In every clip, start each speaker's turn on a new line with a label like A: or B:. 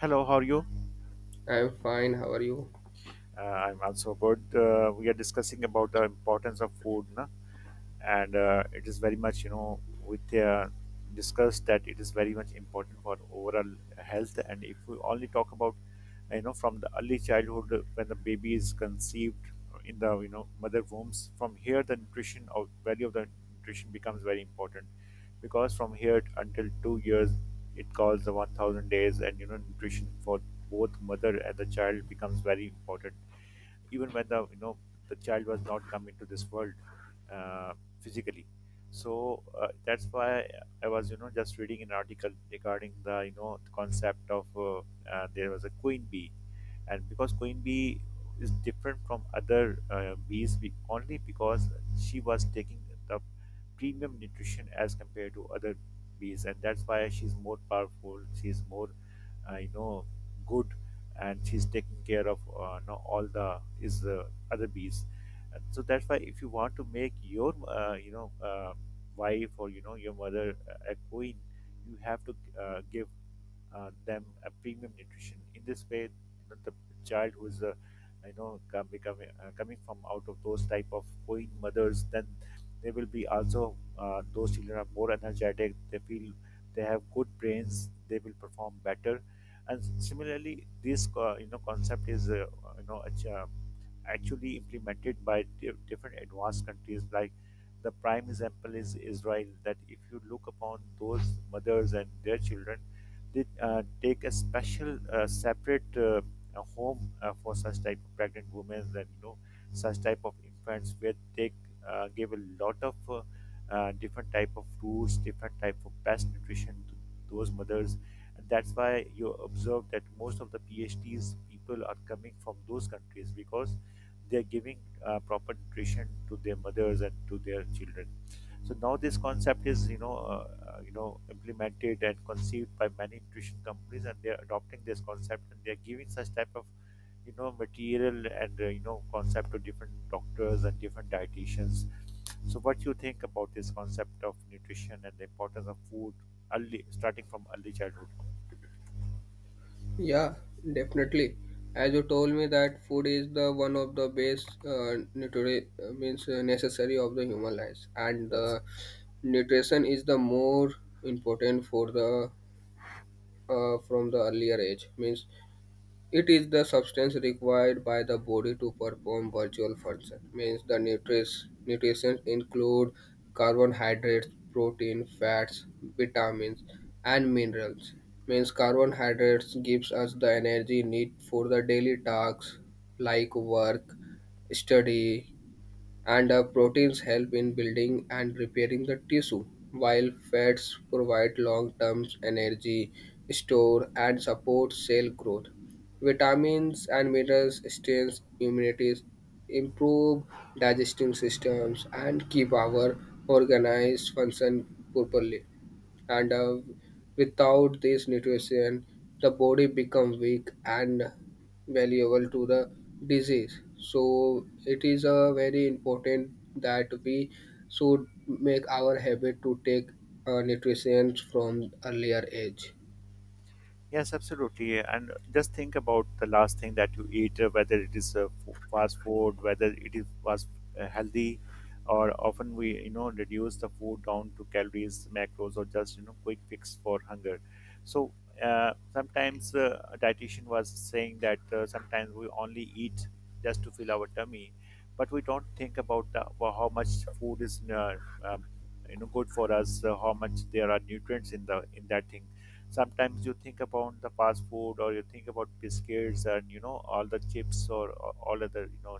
A: Hello, how are you?
B: I'm fine. How are you?
A: I'm also good. We are discussing about the importance of food, na? And it is very much with discussed that it is very much important for overall health. And if we only talk about, you know, from the early childhood, when the baby is conceived in the, mother wombs, from here the nutrition of value of the nutrition becomes very important because from here until 2 years, it calls the 1000 days. And you know, nutrition for both mother and the child becomes very important, even when the, the child was not come into this world, uh, physically. So that's why I was, you know, just reading an article regarding the, the concept of there was a queen bee. And because queen bee is different from other bees, only because she was taking the premium nutrition as compared to other bees, and that's why she's more powerful, she's more, I know, good, and she's taking care of, you know, all the his other bees. And so that's why if you want to make your you know wife or, you know, your mother a queen, you have to give them a premium nutrition. In this way, you know, the child who is you know becoming coming from out of those type of going mothers, then they will be also those children are more energetic. They feel they have good brains. They will perform better. And similarly, this you know, concept is you know actually implemented by different advanced countries, like the prime example is Israel. That if you look upon those mothers and their children, they take a special separate a home for such type of pregnant women, and you know, such type of infants, where they give a lot of different type of foods, different type of best nutrition to those mothers. And that's why you observe that most of the phds people are coming from those countries, because they're giving proper nutrition to their mothers and to their children. So now this concept is, you know, you know, implemented and conceived by many nutrition companies, and they're adopting this concept, and they're giving such type of, you know, material and, you know, concept to different doctors and different dietitians. So what you think about this concept of nutrition and the importance of food early, starting from early childhood?
B: Yeah, definitely. As you told me that food is the one of the base nutri- means necessary of the human life, and
A: Yes.
B: the nutrition is the more important for the from the earlier age. Means it is the substance required by the body to perform virtual function. Means the nutrients nutrition include carbohydrates, protein, fats, vitamins, and minerals. Means carbohydrates gives us the energy need for the daily tasks like work, study, and proteins help in building and repairing the tissue, while fats provide long-term energy store and support cell growth. Vitamins and minerals strengthen immunity, improve digestive systems, and keep our organs function properly and without this nutrition the body becomes weak and valuable to the disease, so it is a very important that we should make our habit to take nutrition from earlier age.
A: Yes, absolutely. And just think about the last thing that you eat, whether it is fast food, whether it is was healthy, or often we, you know, reduce the food down to calories, macros, or just, you know, quick fix for hunger. So sometimes a dietitian was saying that sometimes we only eat just to fill our tummy, but we don't think about the, well, how much food is um, you know, good for us, how much there are nutrients in the in that thing. Sometimes you think about the fast food, or you think about biscuits and, you know, all the chips, or all other, you know,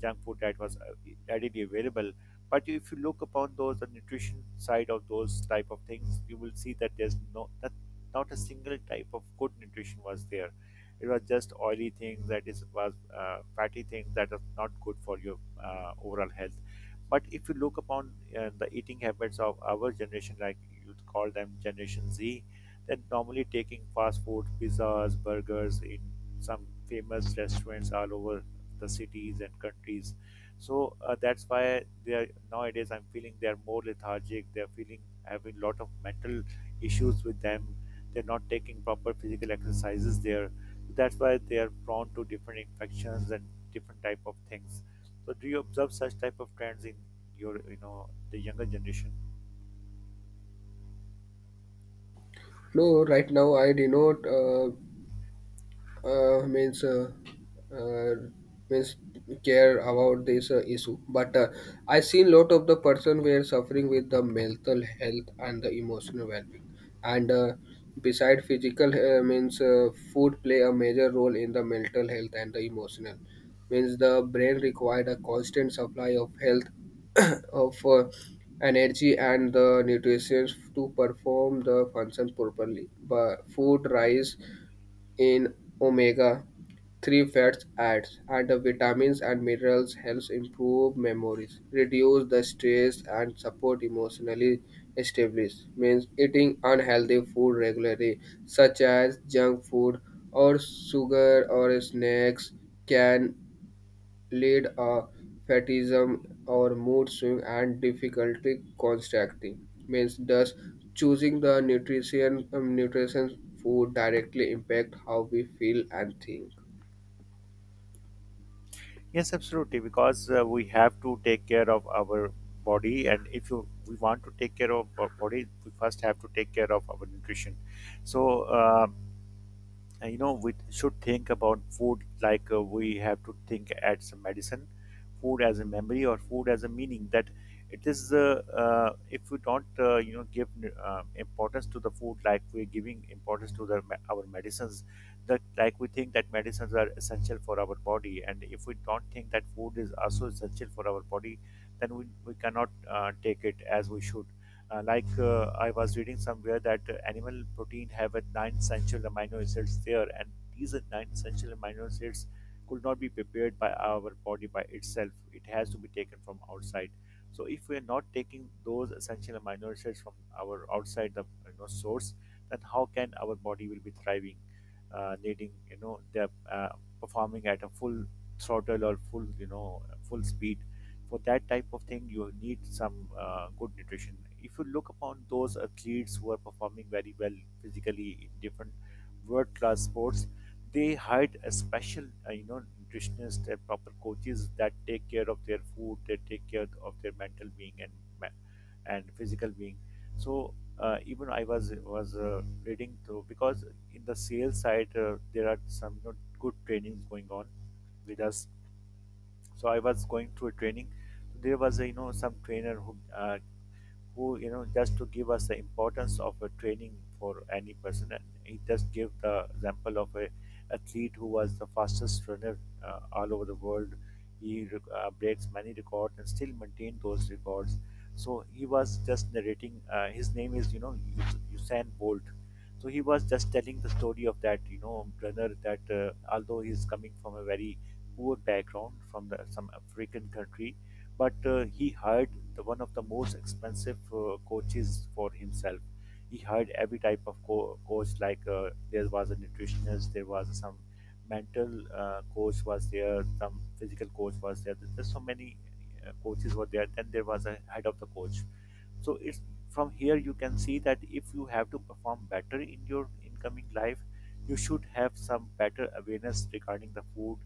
A: junk food that was readily available. But if you look upon those the nutrition side of those type of things, you will see that there's no, that not a single type of good nutrition was there. It was just oily things, that is was fatty things, that are not good for your overall health. But if you look upon the eating habits of our generation, like you call them generation z, they normally taking fast food, pizzas, burgers in some famous restaurants all over the cities and countries. So that's why they are nowadays. I'm feeling they are more lethargic. They're feeling having lot of mental issues with them. They're not taking proper physical exercises there. So, that's why they are prone to different infections and different type of things. So do you observe such type of trends in your, you know, the younger generation?
B: No, right now I do not means uh, means care about this issue, but I seen lot of the person were suffering with the mental health and the emotional well-being, and beside physical means food play a major role in the mental health and the emotional. Means the brain required a constant supply of health of energy and the nutrition to perform the function properly, but food rise in omega 3 fats adds and the vitamins and minerals helps improve memories, reduce the stress and support emotionally stability. Means eating unhealthy food regularly, such as junk food or sugar or snacks, can lead a fatiguism or mood swing and difficulty constricting. Means thus choosing the nutrition nutrition food directly impact how we feel and think.
A: Yes, absolutely. Because we have to take care of our body, and if you we want to take care of our body, we first have to take care of our nutrition. So, um you know, we should think about food like we have to think as a medicine, food as a memory, or food as a meaning. That it is if we don't you know, give importance to the food like we're giving importance to the our medicines. That like we think that medicines are essential for our body, and if we don't think that food is also essential for our body, then we cannot take it as we should. Like I was reading somewhere that animal protein have a nine essential amino acids there, and these are nine essential amino acids could not be prepared by our body by itself. It has to be taken from outside. So if we are not taking those essential amino acids from our outside the, you know, source, then how can our body will be thriving, needing, you know, they're uh, performing at a full throttle or full, you know, full speed. For that type of thing, you need some good nutrition. If you look upon those athletes who are performing very well physically in different world class sports, they hired a special you know, nutritionist and proper coaches that take care of their food, they take care of their mental being and ma- and physical being. So even I was reading through because in the sales side there are some, you know, good trainings going on with us. So I was going through a training. There was a, you know, some trainer who who, you know, just to give us the importance of a training for any person, and he just gave the example of a athlete who was the fastest runner all over the world. He breaks many records and still maintain those records. So he was just narrating his name is, you know, Usain Bolt. So he was just telling the story of that, you know, runner, that although he's coming from a very poor background from the, some African country, but he hired the one of the most expensive coaches for himself. He hired every type of coach, like there was a nutritionist, there was some mental coach was there, some physical coach was there. There's so many coaches were there. Then there was a head of the coach. So it's from here you can see that if you have to perform better in your incoming life, you should have some better awareness regarding the food,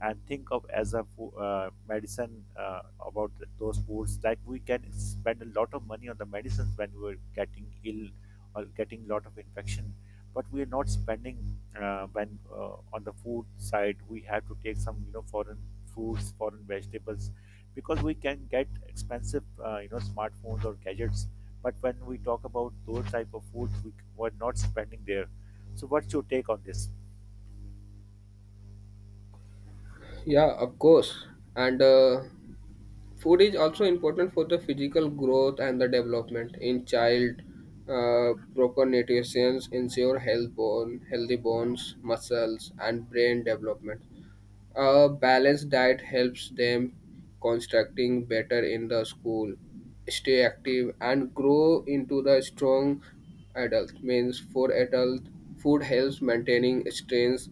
A: and think of as a medicine about those foods. Like we can spend a lot of money on the medicines when we're getting ill or getting lot of infection, but we are not spending when on the food side, we have to take some, you know, foreign fruits, foreign vegetables, because we can get expensive you know, smartphones or gadgets, but when we talk about those type of foods, we, we're not spending there. So what's your take on this?
B: Yeah, of course. And food is also important for the physical growth and the development in child. Proper nutrition ensure health bone, healthy bones, muscles, and brain development. A balanced diet helps them constructing better in the school, stay active, and grow into the strong adult. Means for adult, food helps maintaining strength,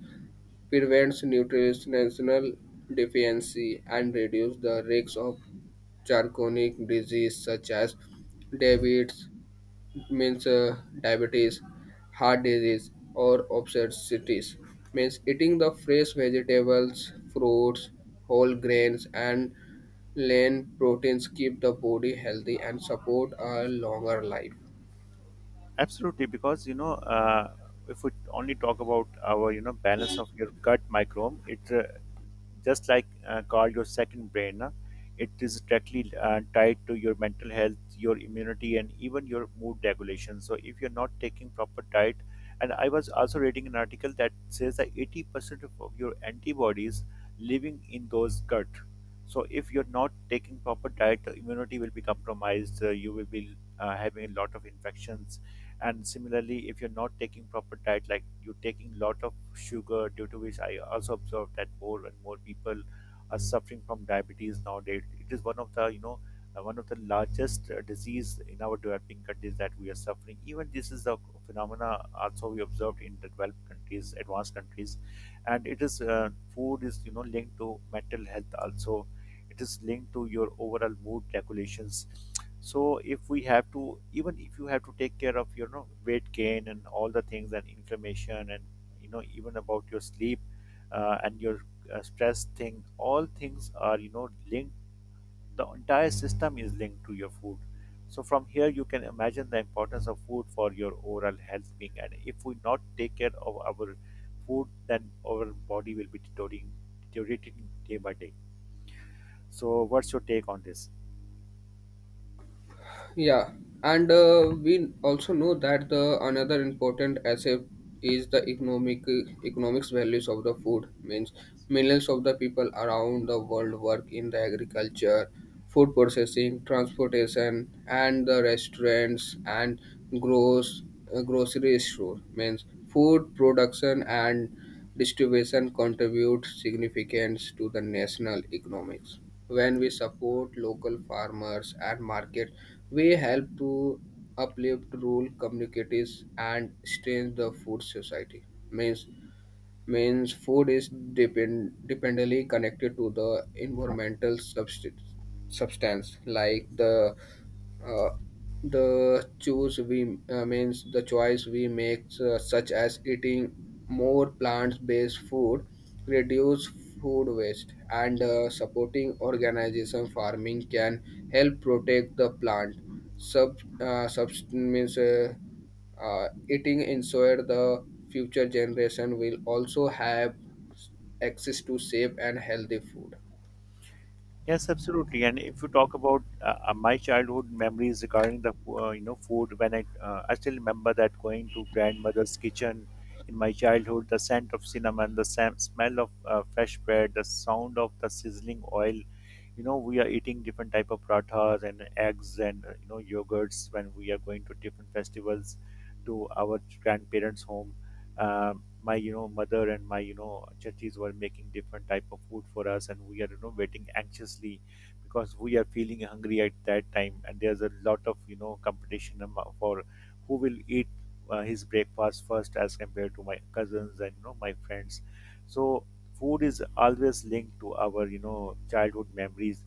B: prevents nutritional deficiency and reduce the risks of chronic disease such as diabetes, means diabetes, heart disease, or obesity. Means eating the fresh vegetables, fruits, whole grains, and lean proteins keep the body healthy and support a longer life.
A: Absolutely, because you know, if we only talk about our, you know, balance of your gut microbiome, it just like called your second brain, na, it is directly tied to your mental health, your immunity, and even your mood regulation. So if you're not taking proper diet, and I was also reading an article that says that 80% of your antibodies living in those gut. So if you're not taking proper diet, immunity will be compromised. You will be having a lot of infections. And similarly, if you're not taking proper diet, like you're taking lot of sugar, due to which I also observed that more and more people are suffering from diabetes nowadays. It is one of the, you know, one of the largest disease in our developing countries, that we are suffering. Even this is a phenomena also we observed in the developed countries, advanced countries. And it is food is, you know, linked to mental health also. It is linked to your overall mood regulations. So if we have to, even if you have to take care of your, you know, weight gain and all the things and inflammation and, you know, even about your sleep and your stress thing, all things are, you know, linked. The entire system is linked to your food. So from here you can imagine the importance of food for your overall health being. And if we not take care of our food, then our body will be deteriorating, day by day. So, what's your take on this?
B: Yeah, and we also know that the another important asset is the economics values of the food. Means millions of the people around the world work in the agriculture, food processing, transportation, and the restaurants and gross grocery store. Means food production and distribution contributes significance to the national economics. When we support local farmers and markets, we help to uplift rural communities and strengthen the food society. Means means food is dependently connected to the environmental substance, substance like uh, the choose we means the choice we make, such as eating more plant-based food, reduce food waste, and supporting organization farming can help protect the plant. Sub subst- means Eating ensure the future generation will also have access to safe and healthy food.
A: Yes, absolutely. And if you talk about my childhood memories regarding the, you know, food, when I still remember that going to grandmother's kitchen in my childhood, the scent of cinnamon, the smell of fresh bread, the sound of the sizzling oil. You know, we are eating different type of prathas and eggs and, you know, yogurts when we are going to different festivals to our grandparents home. My, you know, mother and my, you know, chachis were making different type of food for us, and we are, you know, waiting anxiously because we are feeling hungry at that time. And there's a lot of, you know, competition for who will eat his breakfast first as compared to my cousins and, you know, my friends. So food is always linked to our, you know, childhood memories.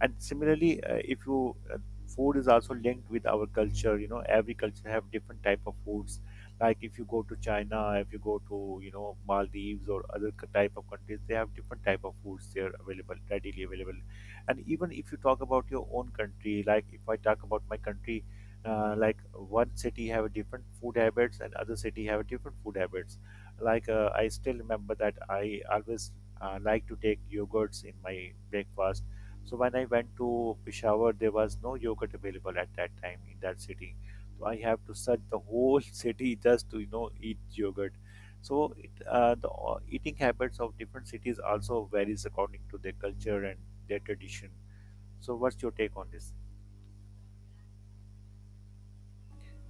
A: And similarly if you food is also linked with our culture. You know, every culture have different type of foods. Like if you go to China, if you go to, you know, Maldives or other type of countries, they have different type of foods there available, readily available. And even if you talk about your own country, like if I talk about my country, like one city have a different food habits and other city have a different food habits. Like I still remember that I always like to take yogurts in my breakfast. So when I went to Peshawar, there was no yogurt available at that time in that city. So I have to search the whole city just to, you know, eat yogurt. So the eating habits of different cities also varies according to their culture and their tradition. So what's your take on this?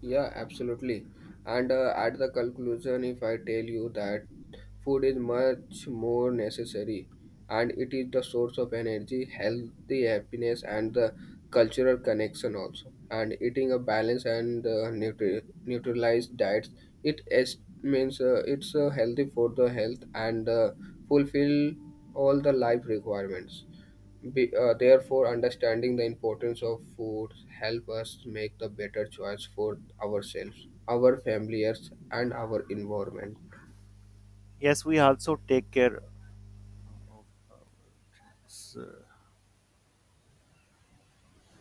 B: Yeah, absolutely. And at the conclusion, if I tell you that food is much more necessary and it is the source of energy, healthy happiness, and the cultural connection also. And eating a balanced and neutralized diet, it is, means it's healthy for the health and fulfill all the life requirements. Therefore, understanding the importance of food help us make the better choice for ourselves, our families, and our environment.
A: Yes, we also take care